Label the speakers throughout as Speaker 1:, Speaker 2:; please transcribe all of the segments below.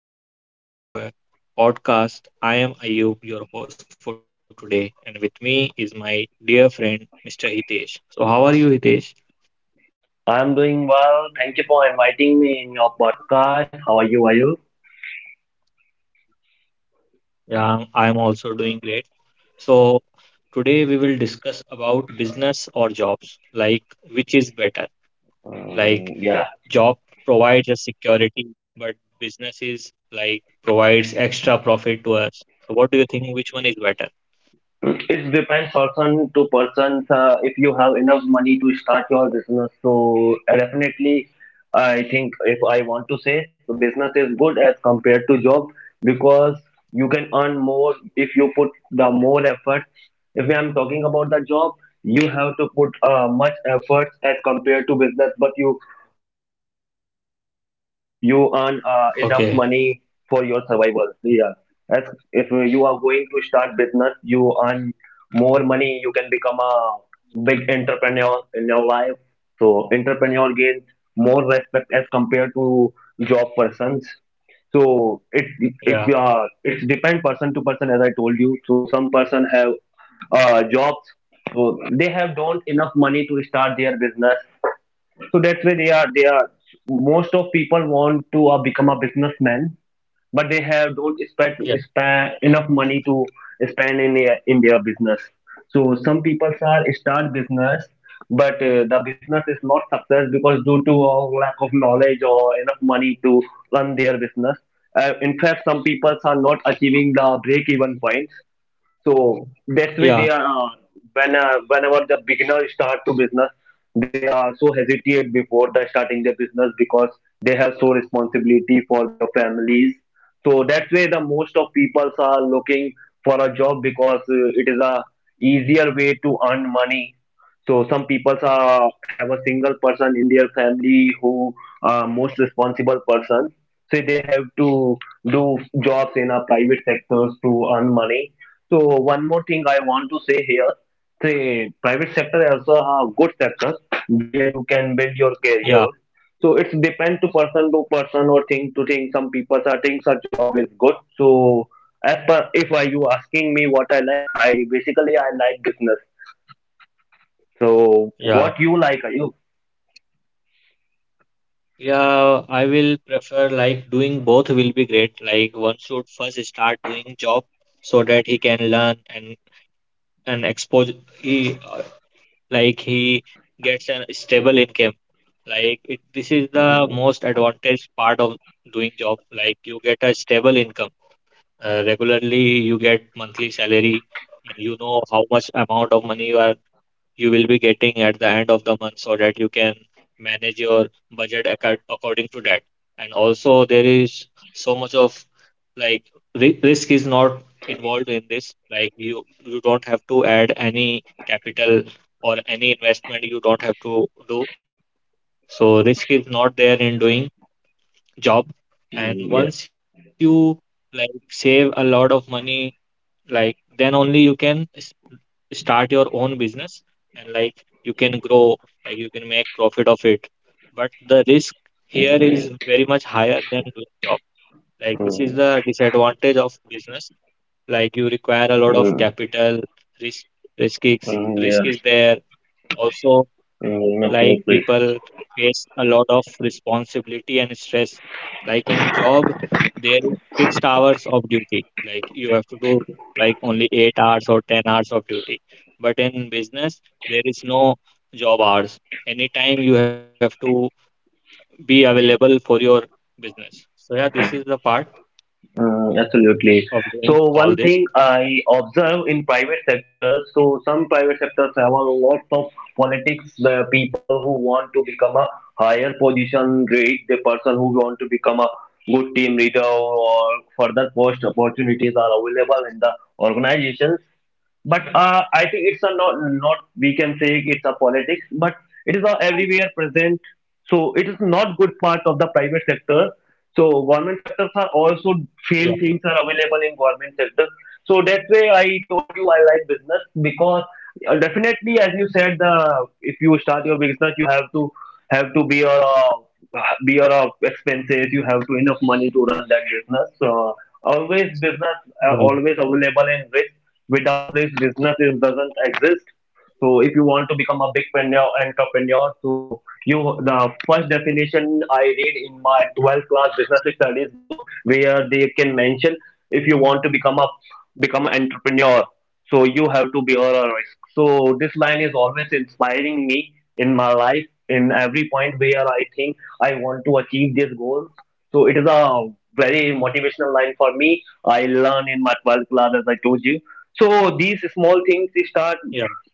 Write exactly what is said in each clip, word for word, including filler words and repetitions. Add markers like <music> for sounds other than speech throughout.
Speaker 1: welcome back to our podcast. I am Ayub, your host for today, and with me is my dear friend Mister Hitesh. So, how are you, Hitesh?
Speaker 2: I'm doing well. Thank you for inviting me in your podcast. How are you? Are you?
Speaker 1: Yeah, I am also doing great. So, today we will discuss about business or jobs, like which is better. Like
Speaker 2: Um, yeah, Yeah.
Speaker 1: job provides us security, but business is like provides extra profit to us. So, what do you think? Which one is better?
Speaker 2: it, it depends person to person. Uh, if you have enough money to start your business, so uh, definitely, I think if I want to say, so business is good as compared to job because you can earn more if you put the more effort. If I'm talking about the job, you have to put uh, much effort as compared to business, but you you earn uh, enough money for your survival.
Speaker 1: Okay.
Speaker 2: Yeah, as if you are going to start business you earn more money, you can become a big entrepreneur in your life. So entrepreneur gains more respect as compared to job persons. So it, if you are,
Speaker 1: Yeah.
Speaker 2: it's depend person to person as I told you. So some person have uh, jobs, so they have don't enough money to start their business. So that's why they are they are most of people want to uh, become a businessman, but they have don't expect
Speaker 1: Yeah.
Speaker 2: spend enough money to spend in their, in their business. So some people are start business, but uh, the business is not success because due to a lack of knowledge or enough money to run their business. Uh, in fact some people are not achieving the break even point. So that's why they are
Speaker 1: Yeah.
Speaker 2: uh, when uh, whenever the beginner start to business, they are so hesitate before the starting their business because they have so responsibility for their families. So that's why the most of people are looking for a job because uh, it is a easier way to earn money. So some people are have a single person in their family who are most responsible person. So they have to do jobs in a private sectors to earn money. So one more thing I want to say here, the private sector is also a good sector where you can build your
Speaker 1: Yeah.
Speaker 2: career. So it's depend to person to person or thing to thing. Some people are thinks a job is good. So as per if I you asking me what I like, I basically I like business. So
Speaker 1: Yeah.
Speaker 2: what you like, are you?
Speaker 1: Yeah, I will prefer like doing both will be great. Like one should first start doing job so that he can learn and and expose he uh, like he gets a stable income. Like it, this is the most advantage part of doing job. Like you get a stable income. Uh, regularly you get monthly salary, and you know how much amount of money you are you will be getting at the end of the month, so that you can manage your budget, acca- according to that. And also, there is so much of like ri- risk is not involved in this. Like you, you don't have to add any capital or any investment you don't have to do. So risk is not there in doing job.
Speaker 2: Mm,
Speaker 1: And
Speaker 2: yeah.
Speaker 1: once you like save a lot of money, like then only you can start your own business, and like you can grow, like you can make profit of it, but the risk here is very much higher than doing job. Like this is
Speaker 2: Mm.
Speaker 1: the disadvantage of business. Like you require a lot of
Speaker 2: Mm,
Speaker 1: capital, risk risk is
Speaker 2: mm,
Speaker 1: risk
Speaker 2: yeah.
Speaker 1: is there also.
Speaker 2: Mm,
Speaker 1: Like
Speaker 2: absolutely.
Speaker 1: people face a lot of responsibility and stress, like in job there is fixed hours of duty, like you have to do like only eight hours or ten hours of duty, but in business there is no job hours, anytime you have to be available for your business. So yeah, this is the part of
Speaker 2: Mm,
Speaker 1: doing all
Speaker 2: absolutely.
Speaker 1: this.
Speaker 2: So one thing I observe in private sectors, so some private sectors have a lot of politics, the people who want to become a higher position grade, the person who want to become a good team leader or further post opportunities are available in the organizations, but uh, I think it's a not not we can say it's a politics, but it is a everywhere present. So it is not good part of the private sector. So government sectors are
Speaker 1: Yeah,
Speaker 2: also same things are available in government sector. So that's why I told you I like business because uh, definitely as you said, the if you start your business you have to have to be your uh, be your uh, expenses, you have to enough money to run that business. So always business
Speaker 1: yeah,
Speaker 2: uh, always available in risk, without this business is, doesn't exist. So if you want to become a big preneur- entrepreneur, so you, the first definition I read in my twelfth class business studies book where they can mention if you want to become a become an entrepreneur, so you have to bear a risk. So this line is always inspiring me in my life in every point where I think I want to achieve this goal. So it is a very motivational line for me, I learn in my twelfth class as I told you. So these small
Speaker 1: yeah.
Speaker 2: things you start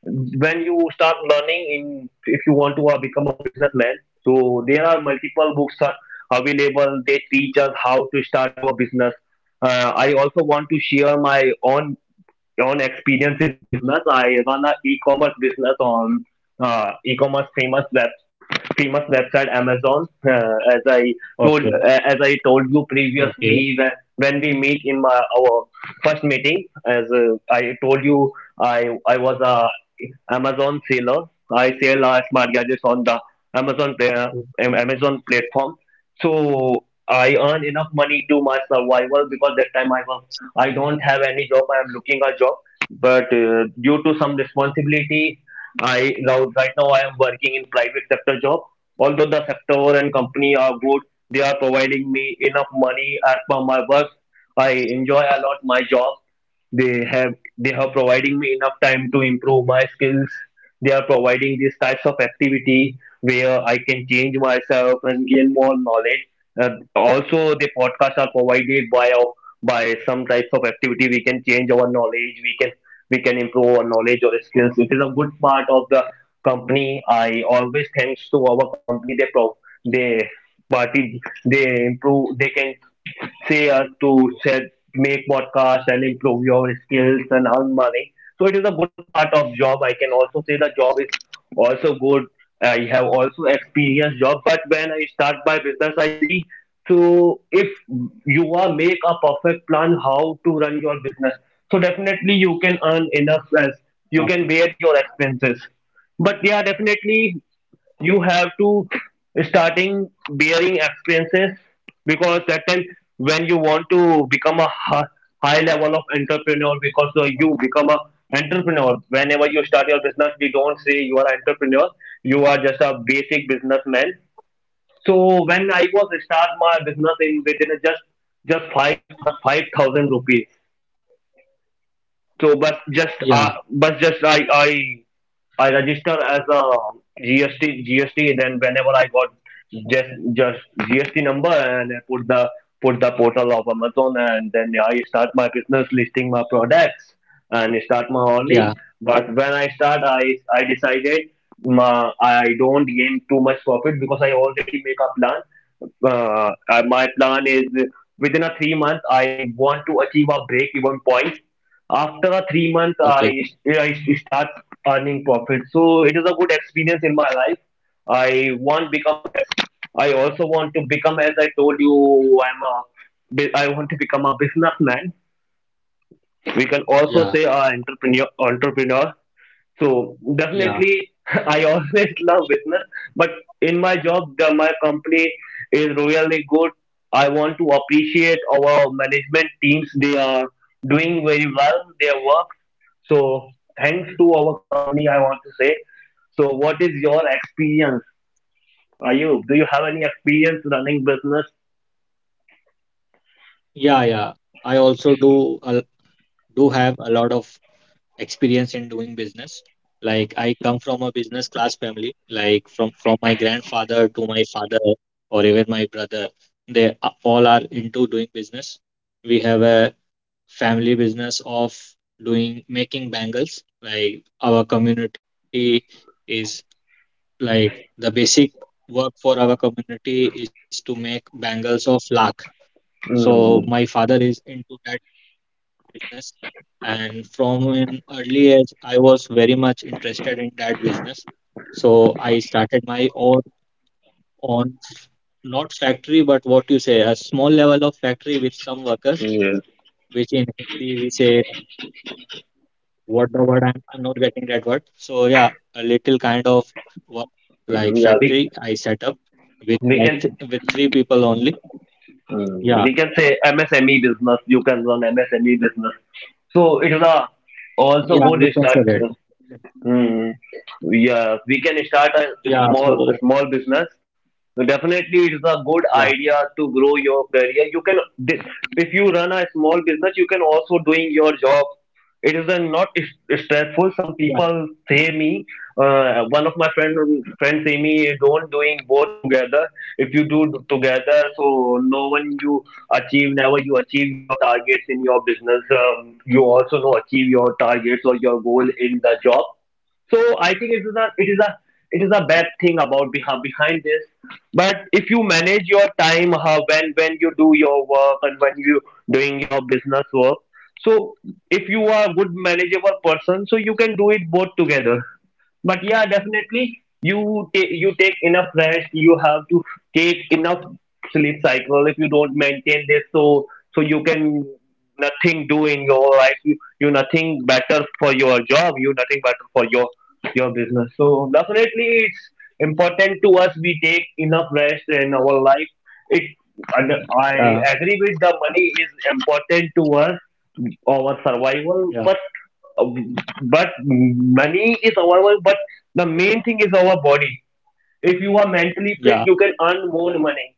Speaker 2: when you start learning in, if you want to uh, become a businessman, so there are multiple books are available, they teach us how to start our business. uh, I also want to share my own on experience in business. I run a e-commerce business on uh, e-commerce famous web famous website Amazon. Uh, as I
Speaker 1: Okay,
Speaker 2: told, uh, as I told you
Speaker 1: okay,
Speaker 2: previously when when we meet in my our first meeting, as uh, I told you, I I was a Amazon seller. I sell uh, smart gadgets on the Amazon
Speaker 1: okay.
Speaker 2: pla- um, Amazon platform. So I earn enough money to my survival because that time I was, I don't have any job. I am looking a job, but uh, due to some responsibility, I now right now I am working in private sector job. Although the sector and company are good, they are providing me enough money as per my work. I enjoy a lot my job. They have they are providing me enough time to improve my skills. They are providing these types of activity where I can change myself and gain more knowledge. uh, Also the podcasts are provided by our- by some types of activity, we can change our knowledge, we can, we can improve our knowledge or skills. It is a good part of the company. I always thanks to our company. They pro they party they improve they can say us to set, make podcast and improve your skills and earn money. So it is a good part of job. I can also say the job is also good. I have also experienced job, but when I start my business, I see so if you are make a perfect plan how to run your business, so definitely you can earn enough as you can
Speaker 1: Yeah,
Speaker 2: bear your expenses. But yeah, definitely you have to starting bearing experiences, because that time when you want to become a hi- high level of entrepreneur, because uh, you become a entrepreneur whenever you start your business. We don't say you are entrepreneur, you are just a basic businessman. So when I was start my business in within just just five five thousand rupees. So, but just uh,
Speaker 1: yeah,
Speaker 2: but just I I I register as a G S T G S T. Then whenever I got just just G S T number and I put the put the portal of Amazon and then I start my business listing my products and start my earning.
Speaker 1: yeah.
Speaker 2: But when I start, I I decided my, I don't gain too much profit because I already make a plan. Uh, uh, my plan is within a three month I want to achieve a break even point. After a three months, i
Speaker 1: Okay.
Speaker 2: i start earning profit. So it is a good experience in my life. I want become a, I also want to become as I told you, I'm a bu- I want to become a businessman. We can also say a
Speaker 1: Yeah.
Speaker 2: entrepreneur entrepreneur. So definitely, <laughs>
Speaker 1: Yeah.
Speaker 2: I always love business, but in my job, the, my company is really good. I want to appreciate our management teams. They are doing very well their work. So thanks to our company, I want to say. So what is your experience? Are you, do you have any experience running business?
Speaker 1: Yeah, yeah. I also do a do have a lot of experience in doing business. Like I come from a business class family, like from from my grandfather to my father, or even my brother, they a- all are into doing business. We have a family business of doing making bangles. Like our community is like the basic work for our community is to make bangles of lakh.
Speaker 2: Mm,
Speaker 1: So my father is into that business. And from an early age, I was very much interested in that business. So I started my own, own not factory, but what you say, a small level of factory with some workers,
Speaker 2: yeah,
Speaker 1: which in Hindi we say, what the word, I'm, I'm not getting that word. So yeah, a little kind of work,
Speaker 2: mm,
Speaker 1: like
Speaker 2: yeah, we
Speaker 1: factory I set up with
Speaker 2: we
Speaker 1: like
Speaker 2: can.
Speaker 1: th- with three people only.
Speaker 2: Mm, we
Speaker 1: Yeah,
Speaker 2: can say M S M E business. You can run M S M E business. So it is a also good
Speaker 1: yeah, you
Speaker 2: start.
Speaker 1: can say that.
Speaker 2: Mm, yeah, we can start a
Speaker 1: Yeah,
Speaker 2: small
Speaker 1: so
Speaker 2: small business. So definitely, it's a good idea
Speaker 1: yeah,
Speaker 2: to grow your career. You can, if you run a small business, you can also doing your job. It is a not s- stressful. Some
Speaker 1: yeah.
Speaker 2: people say me. Uh, one of my friend friends say me, don't doing both together. If you do together, so no one you achieve, never you achieve your targets in your business. Um, you also know achieve your targets or your goal in the job. So I think it is a it is a it is a bad thing about behind behind this. But if you manage your time, how when when you do your work and when you doing your business work, so if you are a good manageable person, so you can do it both together. But yeah definitely you take, you take enough rest, you have to take enough sleep cycle. If you don't maintain this, so so you can nothing do in your life. you you nothing better for your job, you nothing better for your your business. So definitely it's important to us, we take enough rest in our life. It and I agree
Speaker 1: Yeah.
Speaker 2: with the money is important to us our survival. But
Speaker 1: Yeah,
Speaker 2: uh, but money is our work, but the main thing is our body. If you are mentally fit, you can
Speaker 1: yeah,
Speaker 2: earn more money.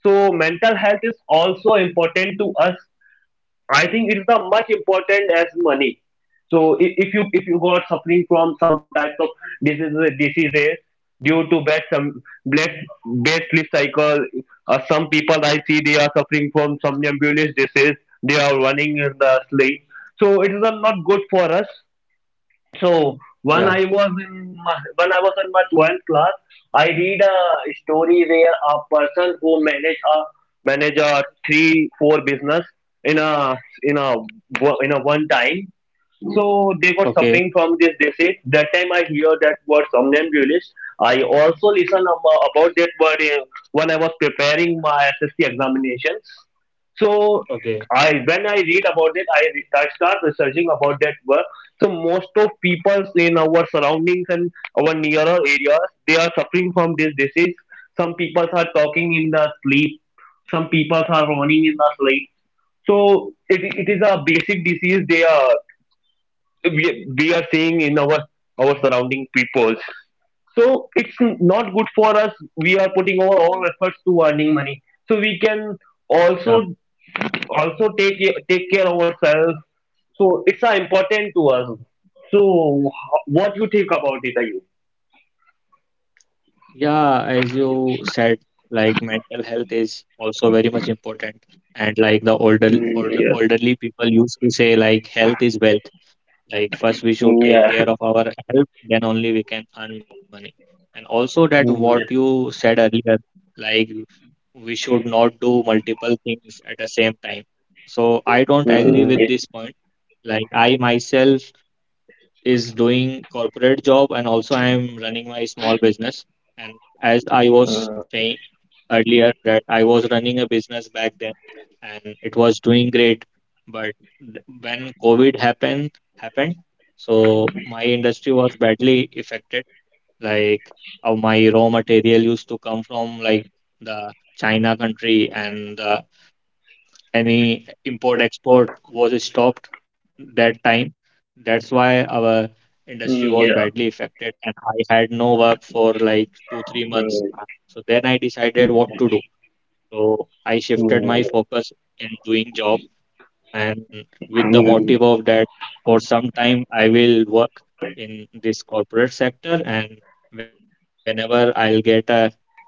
Speaker 2: So mental health is also important to us. I think it's not much important as money. So i- if you if you got suffering from some type of diseases diseases due to bad some bad bad sleep cycle, uh, some people I see, they are suffering from somnambulist disease. They are running in the sleep. So it is uh, not good for us. So when I
Speaker 1: yeah.
Speaker 2: was in my, when I was in my twelfth class, I read a story where a person who manage a manage a three four business in a in a wo- in a one time. So they were suffering
Speaker 1: Okay.
Speaker 2: from this disease. That time I hear that word somnambulist. I also listen ab- about that word uh, when I was preparing my S S C examinations. So I
Speaker 1: Okay.
Speaker 2: when I read about it, I, re- I start researching about that word. So most of peoples in our surroundings and our nearer areas, they are suffering from this disease. Some people are talking in the sleep. Some people are running in the sleep. So it, it is a basic disease they are we, we are seeing in our our surrounding peoples. So it's not good for us. We are putting our all efforts to earning money. So we can
Speaker 1: Yeah,
Speaker 2: also also take take care of ourselves. So it's uh, important to us. So ho- what you think about it, Ayub?
Speaker 1: yeah. As you said, like mental health is also very much important, and like the older,
Speaker 2: Mm,
Speaker 1: older
Speaker 2: yes.
Speaker 1: elderly people used to say, like health is wealth. Like first we should take
Speaker 2: Yeah.
Speaker 1: care of our health, then only we can earn money. And also that what
Speaker 2: Mm, <laughs> yes.
Speaker 1: you said earlier, like we should not do multiple things at the same time. So I don't agree
Speaker 2: Mm,
Speaker 1: with
Speaker 2: yeah.
Speaker 1: this point. Like I myself is doing corporate job, and also I am running my small business. And as I was
Speaker 2: uh,
Speaker 1: saying earlier that I was running a business back then and it was doing great. But th- when COVID happened happened, so my industry was badly affected. Like uh, my raw material used to come from like the China country, and the any import export was stopped that time. That's why our industry
Speaker 2: Mm, yeah.
Speaker 1: was
Speaker 2: Yeah.
Speaker 1: badly affected, and I had no work for like two,
Speaker 2: Mm,
Speaker 1: three months. So then I decided what to do. So I
Speaker 2: mm,
Speaker 1: shifted
Speaker 2: mm,
Speaker 1: my focus in doing job, and with the
Speaker 2: mm,
Speaker 1: motive of that, for some time I will work in this corporate sector, and whenever I'll get a,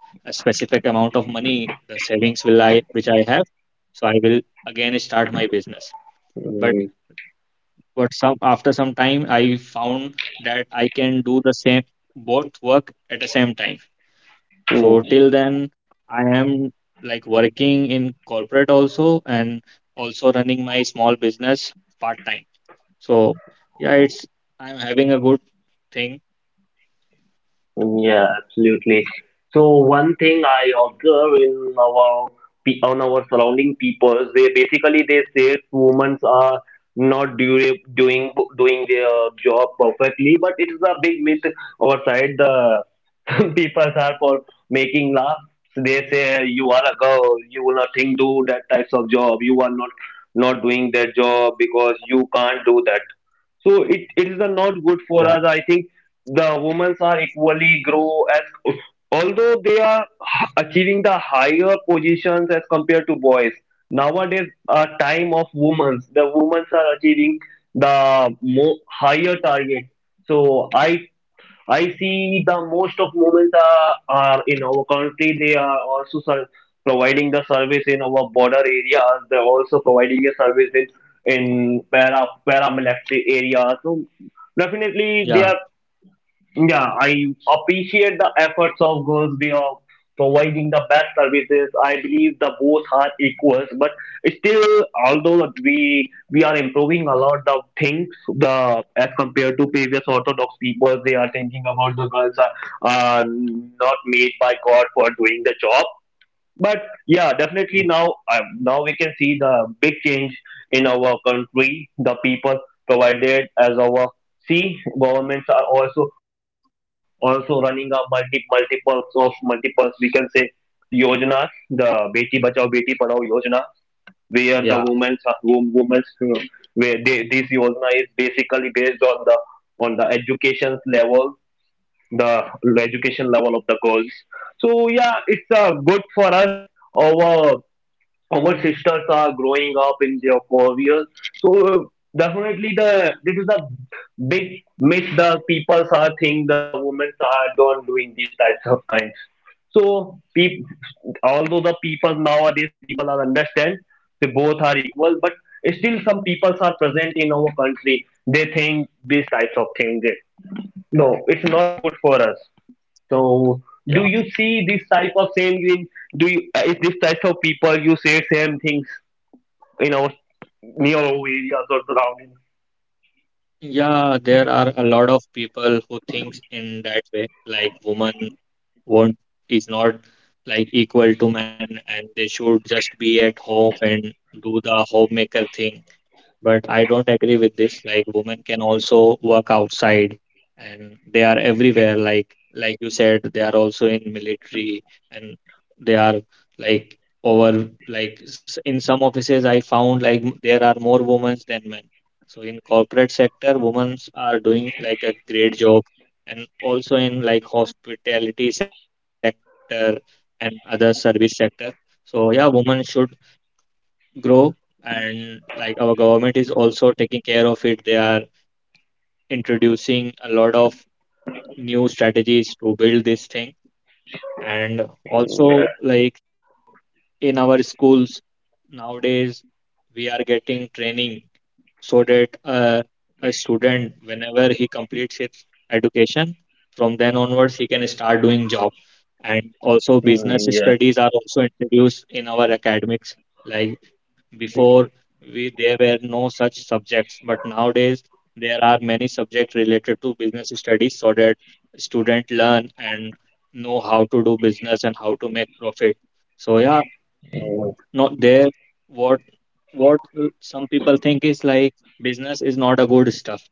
Speaker 1: a specific amount of money, the savings will I which I have. So I will again start my business, but
Speaker 2: mm,
Speaker 1: but some after some time I found that I can do the same both work at the same time. So
Speaker 2: mm.
Speaker 1: till then I am like working in corporate also and also running my small business part time. So yeah, it's I'm having a good thing.
Speaker 2: Yeah, absolutely. So one thing I observe in our pe- on our surrounding peoples, they basically they say women are not dura- doing doing their job perfectly, but it is a big myth our side. The <laughs> people are for making laughs. They say you are a girl, you will nothing do that types of job. You are not not doing that job because you can't do that. So it, it is a not
Speaker 1: Yeah.
Speaker 2: good for us. I think the women are equally grow as although they are h- achieving the higher positions as compared to boys nowadays. A time of women, the women are achieving the mo- higher target. So i i see the most of women are, are in our country. They are also ser- providing the service in our border areas. They're also providing a service in in para paramilitary areas. So definitely
Speaker 1: Yeah,
Speaker 2: they are. Yeah, I appreciate the efforts of Girls Day of providing the best services. I believe the both are equals, but still, although we we are improving a lot of things, the as compared to previous Orthodox people, they are thinking about the girls are uh, not made by God for doing the job. But yeah, definitely now, uh, now we can see the big change in our country. The people provided as our, see, governments are also also running a multi multiples of multiples, we can say, yojanas. The beti bachao beti padhao yojana where the women's
Speaker 1: yeah,
Speaker 2: are wom- women's, uh, where they, this yojana is basically based on the on the education level, the education level of the girls. So yeah, it's uh, good for us. Our our sisters are growing up in their careers. So definitely, the this is a big myth the people are think the women are don't doing these types of kinds. So peop, although the people nowadays, people are understand they both are equal, but still some people are present in our country. They think these types of things. No, it's not good for us. So, do
Speaker 1: yeah.
Speaker 2: you see this type of same in do you uh, is this type of people you say same things in our near our areas or surroundings?
Speaker 1: Yeah, there are a lot of people who thinks in that way, like women want is not like equal to man, and they should just be at home and do the homemaker thing. But I don't agree with this. Like women can also work outside, and they are everywhere. Like like you said, they are also in military, and they are like over like s- in some offices I found like m- there are more women than men. So in corporate sector, women are doing like a great job, and also in like hospitality sector and other service sector. So yeah, women should grow, and like our government is also taking care of it. They are introducing a lot of new strategies to build this thing. And also like in our schools nowadays we are getting training so that uh, a student whenever he completes his education, from then onwards he can start doing job. And also business
Speaker 2: Mm, yeah.
Speaker 1: studies are also introduced in our academics, like before we, there were no such subjects, but nowadays there are many subjects related to business studies, so that students learn and know how to do business and how to make profit. So yeah,
Speaker 2: Mm.
Speaker 1: not there what what some people think is like business is not a good stuff,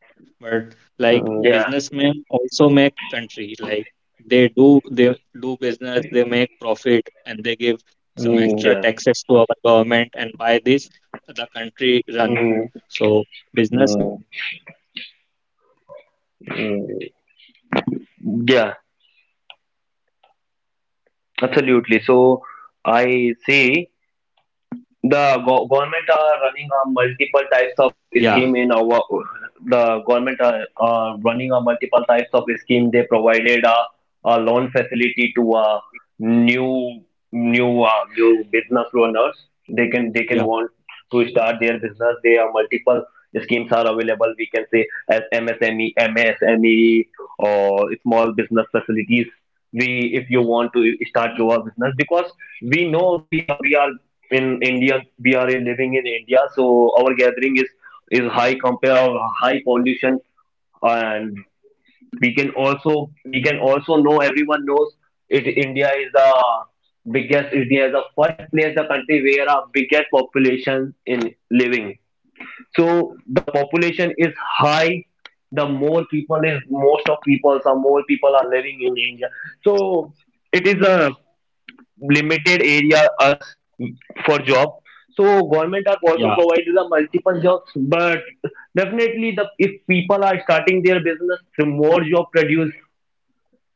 Speaker 1: but like
Speaker 2: Mm, yeah.
Speaker 1: businessmen also make country, like they do they do business, they make profit, and they give
Speaker 2: Mm, mm,
Speaker 1: some
Speaker 2: yeah. Mm,
Speaker 1: extra
Speaker 2: yeah.
Speaker 1: taxes to our government, and by this the country run.
Speaker 2: Mm.
Speaker 1: So
Speaker 2: Mm,
Speaker 1: businessman contribution is also very much important,
Speaker 2: mm.
Speaker 1: and many people
Speaker 2: Yeah,
Speaker 1: don't care about it, but we should give more importance to
Speaker 2: absolutely.
Speaker 1: this
Speaker 2: So
Speaker 1: also.
Speaker 2: I see. The go- government are running a multiple types of scheme
Speaker 1: Yeah,
Speaker 2: in our. The government are are running a multiple types of scheme. They provided a, a loan facility to uh, new new uh, new business owners. They can they can
Speaker 1: yeah,
Speaker 2: want to start their business. There are multiple schemes are available. We can say as M S M E, M S M E, or small business facilities. We, if you want to start your business, because we know we are we are in India, we are in- living in India, so our gathering is is high compare, high pollution, and we can also we can also know. Everyone knows it. India is the biggest, India is the first place, the country where a biggest population in living. So the population is high. The more people is most of people some more people are living in India. So it is a limited area us for job. So government are also
Speaker 1: yeah.
Speaker 2: provided the multiple jobs, but definitely, the if people are starting their business, the more job produce.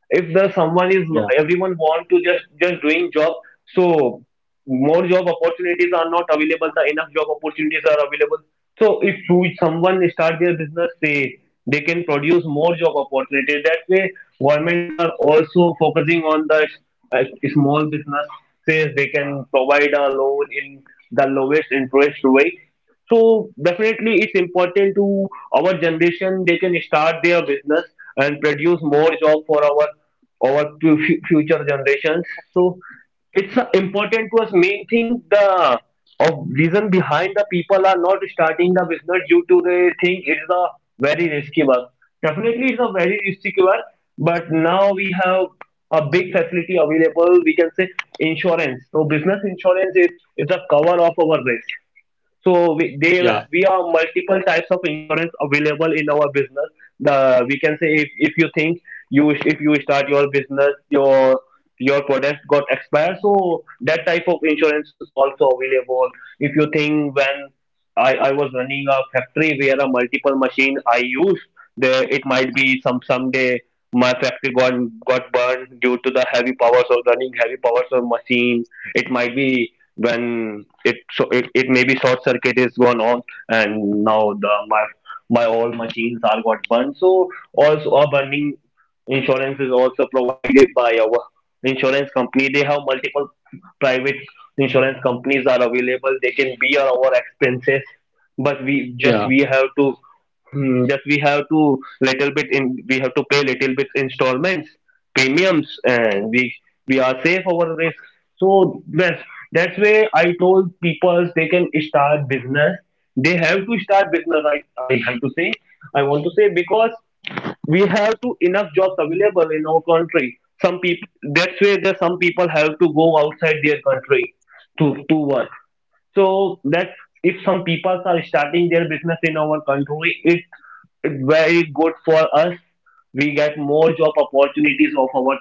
Speaker 2: If the someone is
Speaker 1: Yeah.
Speaker 2: Everyone want to just just doing job. So more job opportunities are not available, the enough job opportunities are available. So if you- someone start their business, say they can produce more job opportunities. That way government are also focusing on the uh, small businesses. They can provide a loan in the lowest interest rate. So definitely it's important to our generation. They can start their business and produce more job for our our fu- future generations. So it's uh, important to us. Main thing, the of reason behind the people are not starting the business, due to they think it's a very risky work. Definitely it's a very risky work, but now we have a big facility available, we can say insurance. So business insurance is, is the cover of our risk. So we, they
Speaker 1: Yeah,
Speaker 2: we have multiple types of insurance available in our business. The We can say if, if you think you if you start your business, your your product got expired, so that type of insurance is also available. If you think, when I, I was running a factory where a multiple machine I used, there it might be some someday my factory got got burned due to the heavy powers of running heavy powers of machine. It might be when it so it, it maybe short circuit is gone on, and now the my my all machines are got burned. So also a burning insurance is also provided by our insurance company. They have multiple private insurance companies are available. They can bear our expenses, but we just we
Speaker 1: yeah,
Speaker 2: have to hmm, just we have to little bit in, we have to pay little bit installments, premiums, and we we are safe our risk. So that's that's why I told people they can start business. They have to start business. i i have to say I want to say, because we have to enough jobs available in our country. Some people, that's why there's some people have to go outside their country to, to work. So that if some people are starting their business in our country, it it's very good for us. We get more job opportunities of our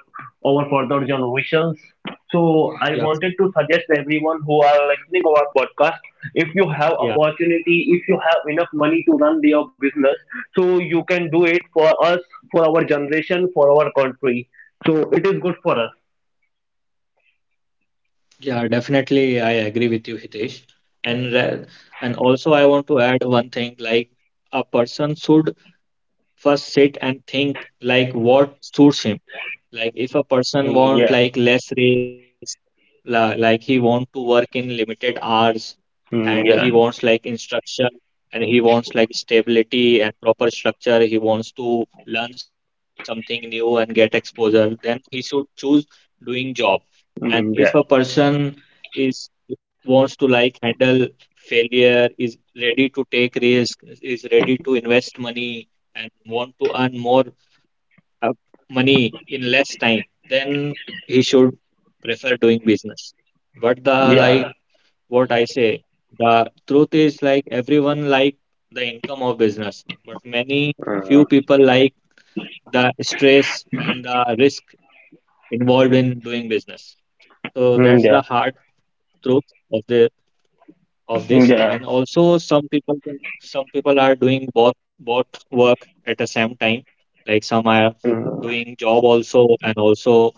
Speaker 2: our further generations. So I wanted to
Speaker 1: yeah,
Speaker 2: suggest everyone who are listening our podcast, if you have
Speaker 1: yeah,
Speaker 2: opportunity, if you have enough money to run your business, so you can do it for us, for our generation, for our country. So it is good for us.
Speaker 1: yeah. Definitely, I agree with you, Hitesh. And ra- and also, I want to add one thing. Like a person should first sit and think like what suits him. Like if a person
Speaker 2: Mm,
Speaker 1: want
Speaker 2: yeah.
Speaker 1: like less risk, la, like he want to work in limited hours,
Speaker 2: Mm,
Speaker 1: and he
Speaker 2: yeah.
Speaker 1: wants like instruction, and he wants like stability and proper structure, he wants to learn something new and get exposure, then he should choose doing job. And
Speaker 2: Mm, yeah.
Speaker 1: if a person is wants to like handle failure, is ready to take risk, is ready to invest money, and want to earn more uh, money in less time, then he should prefer doing business. But the
Speaker 2: Yeah.
Speaker 1: like what I say. The truth is like everyone like the income of business, but many
Speaker 2: Mm,
Speaker 1: few people like the stress and the risk involved in doing business. So
Speaker 2: mm,
Speaker 1: that's
Speaker 2: yeah,
Speaker 1: the hard truth of the of
Speaker 2: mm,
Speaker 1: this.
Speaker 2: yeah,
Speaker 1: And also some people can- some people are doing both both work at the same time. Like some are
Speaker 2: mm,
Speaker 1: doing job also, and also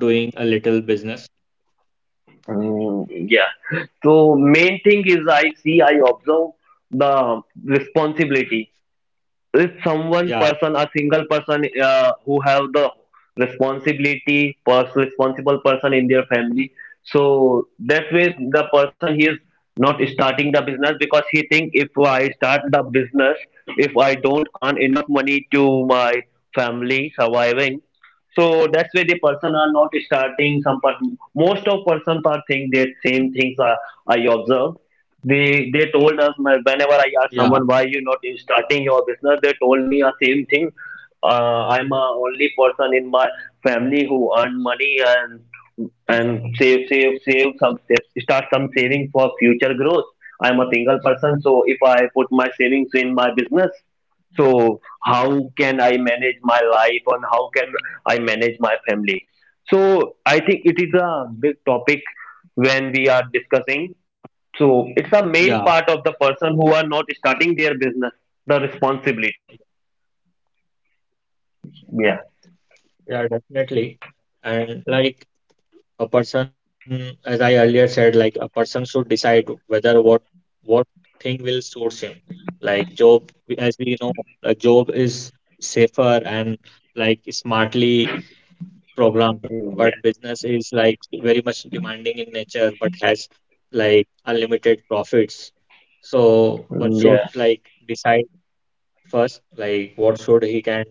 Speaker 1: doing a little business.
Speaker 2: mm, yeah. So main thing is, I see, I observe the responsibility. So if someone
Speaker 1: Yeah,
Speaker 2: person a single person uh, who have the responsibility, pers- responsible person in their family, so that way the person he is not starting the business because he think if I start the business, if I don't earn enough money to my family surviving. So that's why the person are not starting. Some person Most of persons are think that same things are, I observe. They they told us, my- whenever I asked someone why
Speaker 1: yeah,
Speaker 2: you not starting your business, they told me a same thing. Uh, I'm a only person in my family who earn money and and save save save some save- start some saving for future growth. I'm a single person, so if I put my savings in my business, so how can I manage my life, and how can I manage my family? So I think it is a big topic when we are discussing. So it's a main part of
Speaker 1: yeah,
Speaker 2: the person who are not starting their business, the responsibility. Yeah.
Speaker 1: yeah, definitely. And like a person, as I earlier said, like a person should decide whether what what thing will source him. Like job, we- as we know, like job is safer and like smartly programmed,
Speaker 2: Mm, yeah.
Speaker 1: but business is like very much demanding in nature but has like unlimited profits. So one
Speaker 2: Mm, yeah.
Speaker 1: should like decide first, like what should he can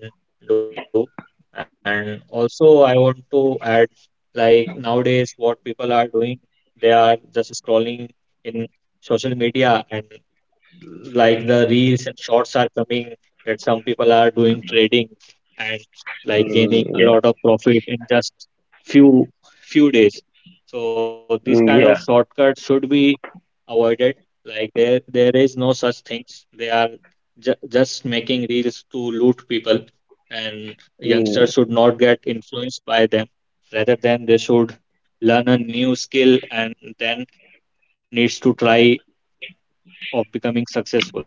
Speaker 1: do. And also I want to add, like nowadays what people are doing, they are just scrolling in social media, and like the reels and shorts are coming that some people are doing trading and like gaining
Speaker 2: Mm,
Speaker 1: a
Speaker 2: yeah.
Speaker 1: lot of profit in just few few days. So this kind of
Speaker 2: Mm, yeah.
Speaker 1: shortcut should be avoided. Like there, there is no such things. They are ju- just making reels to loot people, and youngsters
Speaker 2: Mm,
Speaker 1: should not get influenced by them. Rather than they should learn a new skill and then needs to try of becoming successful.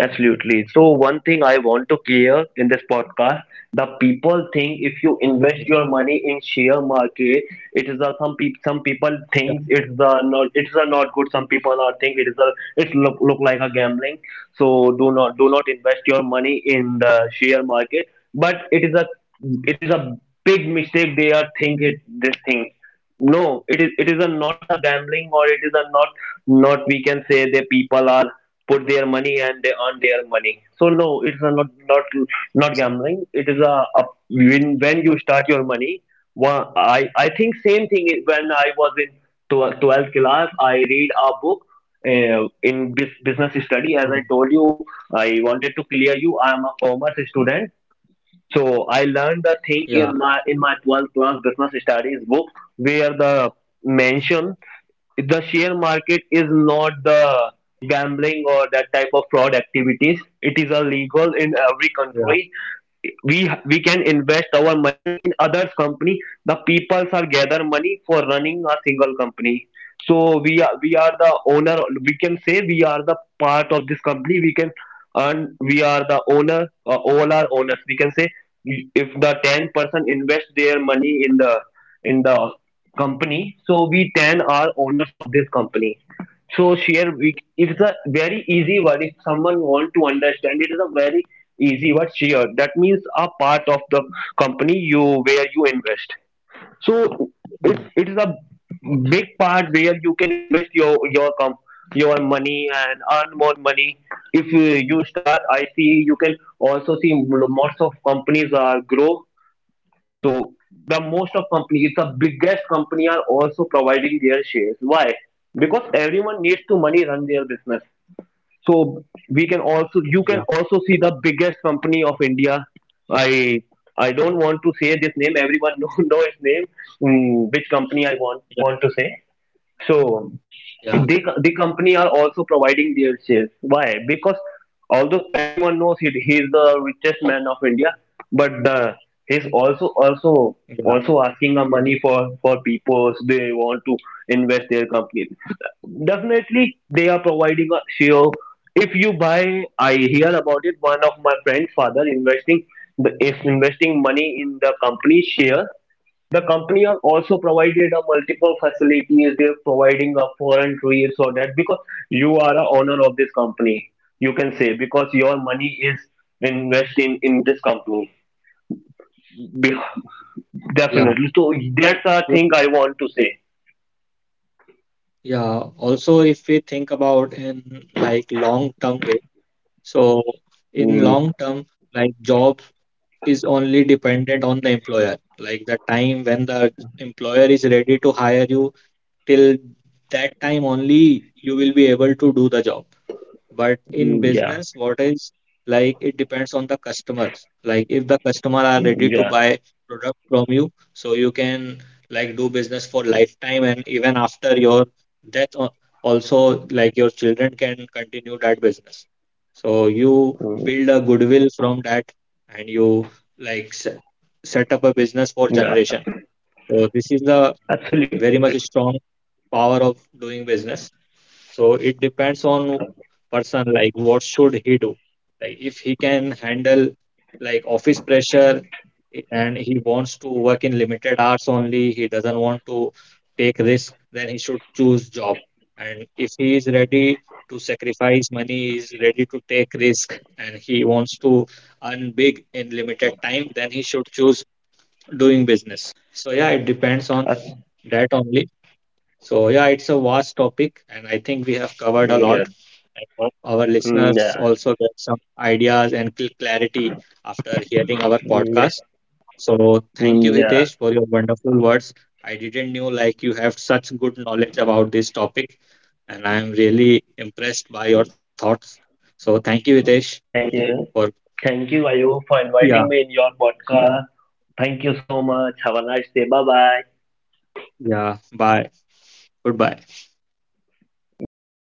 Speaker 2: absolutely. So, one thing I want to clear in this podcast, the people think
Speaker 1: Yeah.
Speaker 2: if you invest your money in share market, it is a some people some
Speaker 1: Yeah.
Speaker 2: people think it's the not it's a not good. Some people are think it is a it's look look like a gambling. So do not do not invest your money in the share market. But it is a it is a big mistake they are think it this thing. No, it is it is a not a gambling, or it is a not not, we can say, the people are put their money and they earn their money. So no, it's a not not not gambling. It is a, a, when, when you start your money, one, i i think same thing is when I was in tw- twelfth class, I read a book, uh, in bus-
Speaker 1: Mm.
Speaker 2: business study, as I told you. I wanted to clear you, I am a commerce student. So I
Speaker 1: Yeah.
Speaker 2: learned the thing in my in my twelfth class business studies book where the mention the share market is not the gambling or that type of fraud activities. It is illegal in
Speaker 1: Yeah.
Speaker 2: every country. We we can invest our money in others' company. The peoples are gather money for running a single company. So we are we are the owner. We can say we are the part of this company. We can and we are the owner, uh, all are owners, we can say, if the ten person invest their money in the in the company, so we ten are owners of this company. So share we it's a very easy word if someone want to understand. It is a very easy word, share, that means a part of the company you where you invest.
Speaker 1: Yeah.
Speaker 2: So it it is a big part where you can invest your your com your money and earn more money. If uh, you start, I see you can also see m- most of companies are grow. So the most of companies, the biggest company are also providing their shares. Why? Because everyone needs to money run their business. So we can
Speaker 1: Yeah.
Speaker 2: also you can also see the biggest company of India. I i don't want to say this name. Everyone <laughs> know, know its name. Mm, which company I
Speaker 1: Yeah.
Speaker 2: want want to say?
Speaker 1: Yeah.
Speaker 2: So the the company are also providing their shares. Why? Because although everyone knows he, he is the richest man of India, but the he's also
Speaker 1: Yeah.
Speaker 2: also
Speaker 1: Yeah.
Speaker 2: also asking a money for for people they want to invest their company. Definitely, they are providing a share. If you buy, I hear about it. One of my friend's father investing, the is investing money in the company share. The company has also provided a multiple facilities. They're providing a foreign trade, so that because you are a owner of this company, you can say, because your money is invested in, in this company. Be-
Speaker 1: Yeah.
Speaker 2: Definitely. So that's a thing I want to say.
Speaker 1: Yeah. Also, if we think about in like long term way, so in
Speaker 2: Mm,
Speaker 1: long term, like job is only dependent on the employer. Like the time when the employer is ready to hire you, till that time only you will be able to do the job. But in
Speaker 2: mm, yeah.
Speaker 1: business, what is like it depends on the customers. Like if the customer are
Speaker 2: Mm,
Speaker 1: ready to
Speaker 2: yeah.
Speaker 1: buy product from you, so you can like do business for lifetime, and even after your death al- also like your children can continue that business. So you build
Speaker 2: Mm,
Speaker 1: a goodwill from that, and you like se- set up a business for
Speaker 2: yeah.
Speaker 1: generation. So this is the
Speaker 2: Absolutely.
Speaker 1: very much strong power of doing business. So it depends on person like what should he do? Like if he can handle like office pressure i- and he wants to work in limited hours only, he doesn't want to take risk, then he should choose job. And if he is ready to sacrifice money, he is ready to take risk, and he wants to earn big in limited time, then he should choose doing business. So yeah, it depends on
Speaker 2: Uh, yeah.
Speaker 1: that only. So yeah, it's a vast topic and I think we have covered a
Speaker 2: Mm,
Speaker 1: lot.
Speaker 2: yeah.
Speaker 1: I hope our
Speaker 2: Mm,
Speaker 1: listeners also get some ideas and cl- clarity after hearing our
Speaker 2: yeah.
Speaker 1: podcast. So thank you,
Speaker 2: Mm, yeah.
Speaker 1: Hitesh, for your wonderful words. I didn't know like you have such good knowledge about this topic, and I am really impressed by your thoughts. So thank you, Hitesh,
Speaker 2: Thank you.
Speaker 1: for
Speaker 2: Thank you, Ayu, for
Speaker 1: yeah,
Speaker 2: inviting me in your podcast. Thank you so much. Have a nice day. Bye bye.
Speaker 1: yeah. Bye. Goodbye.
Speaker 2: Bye bye.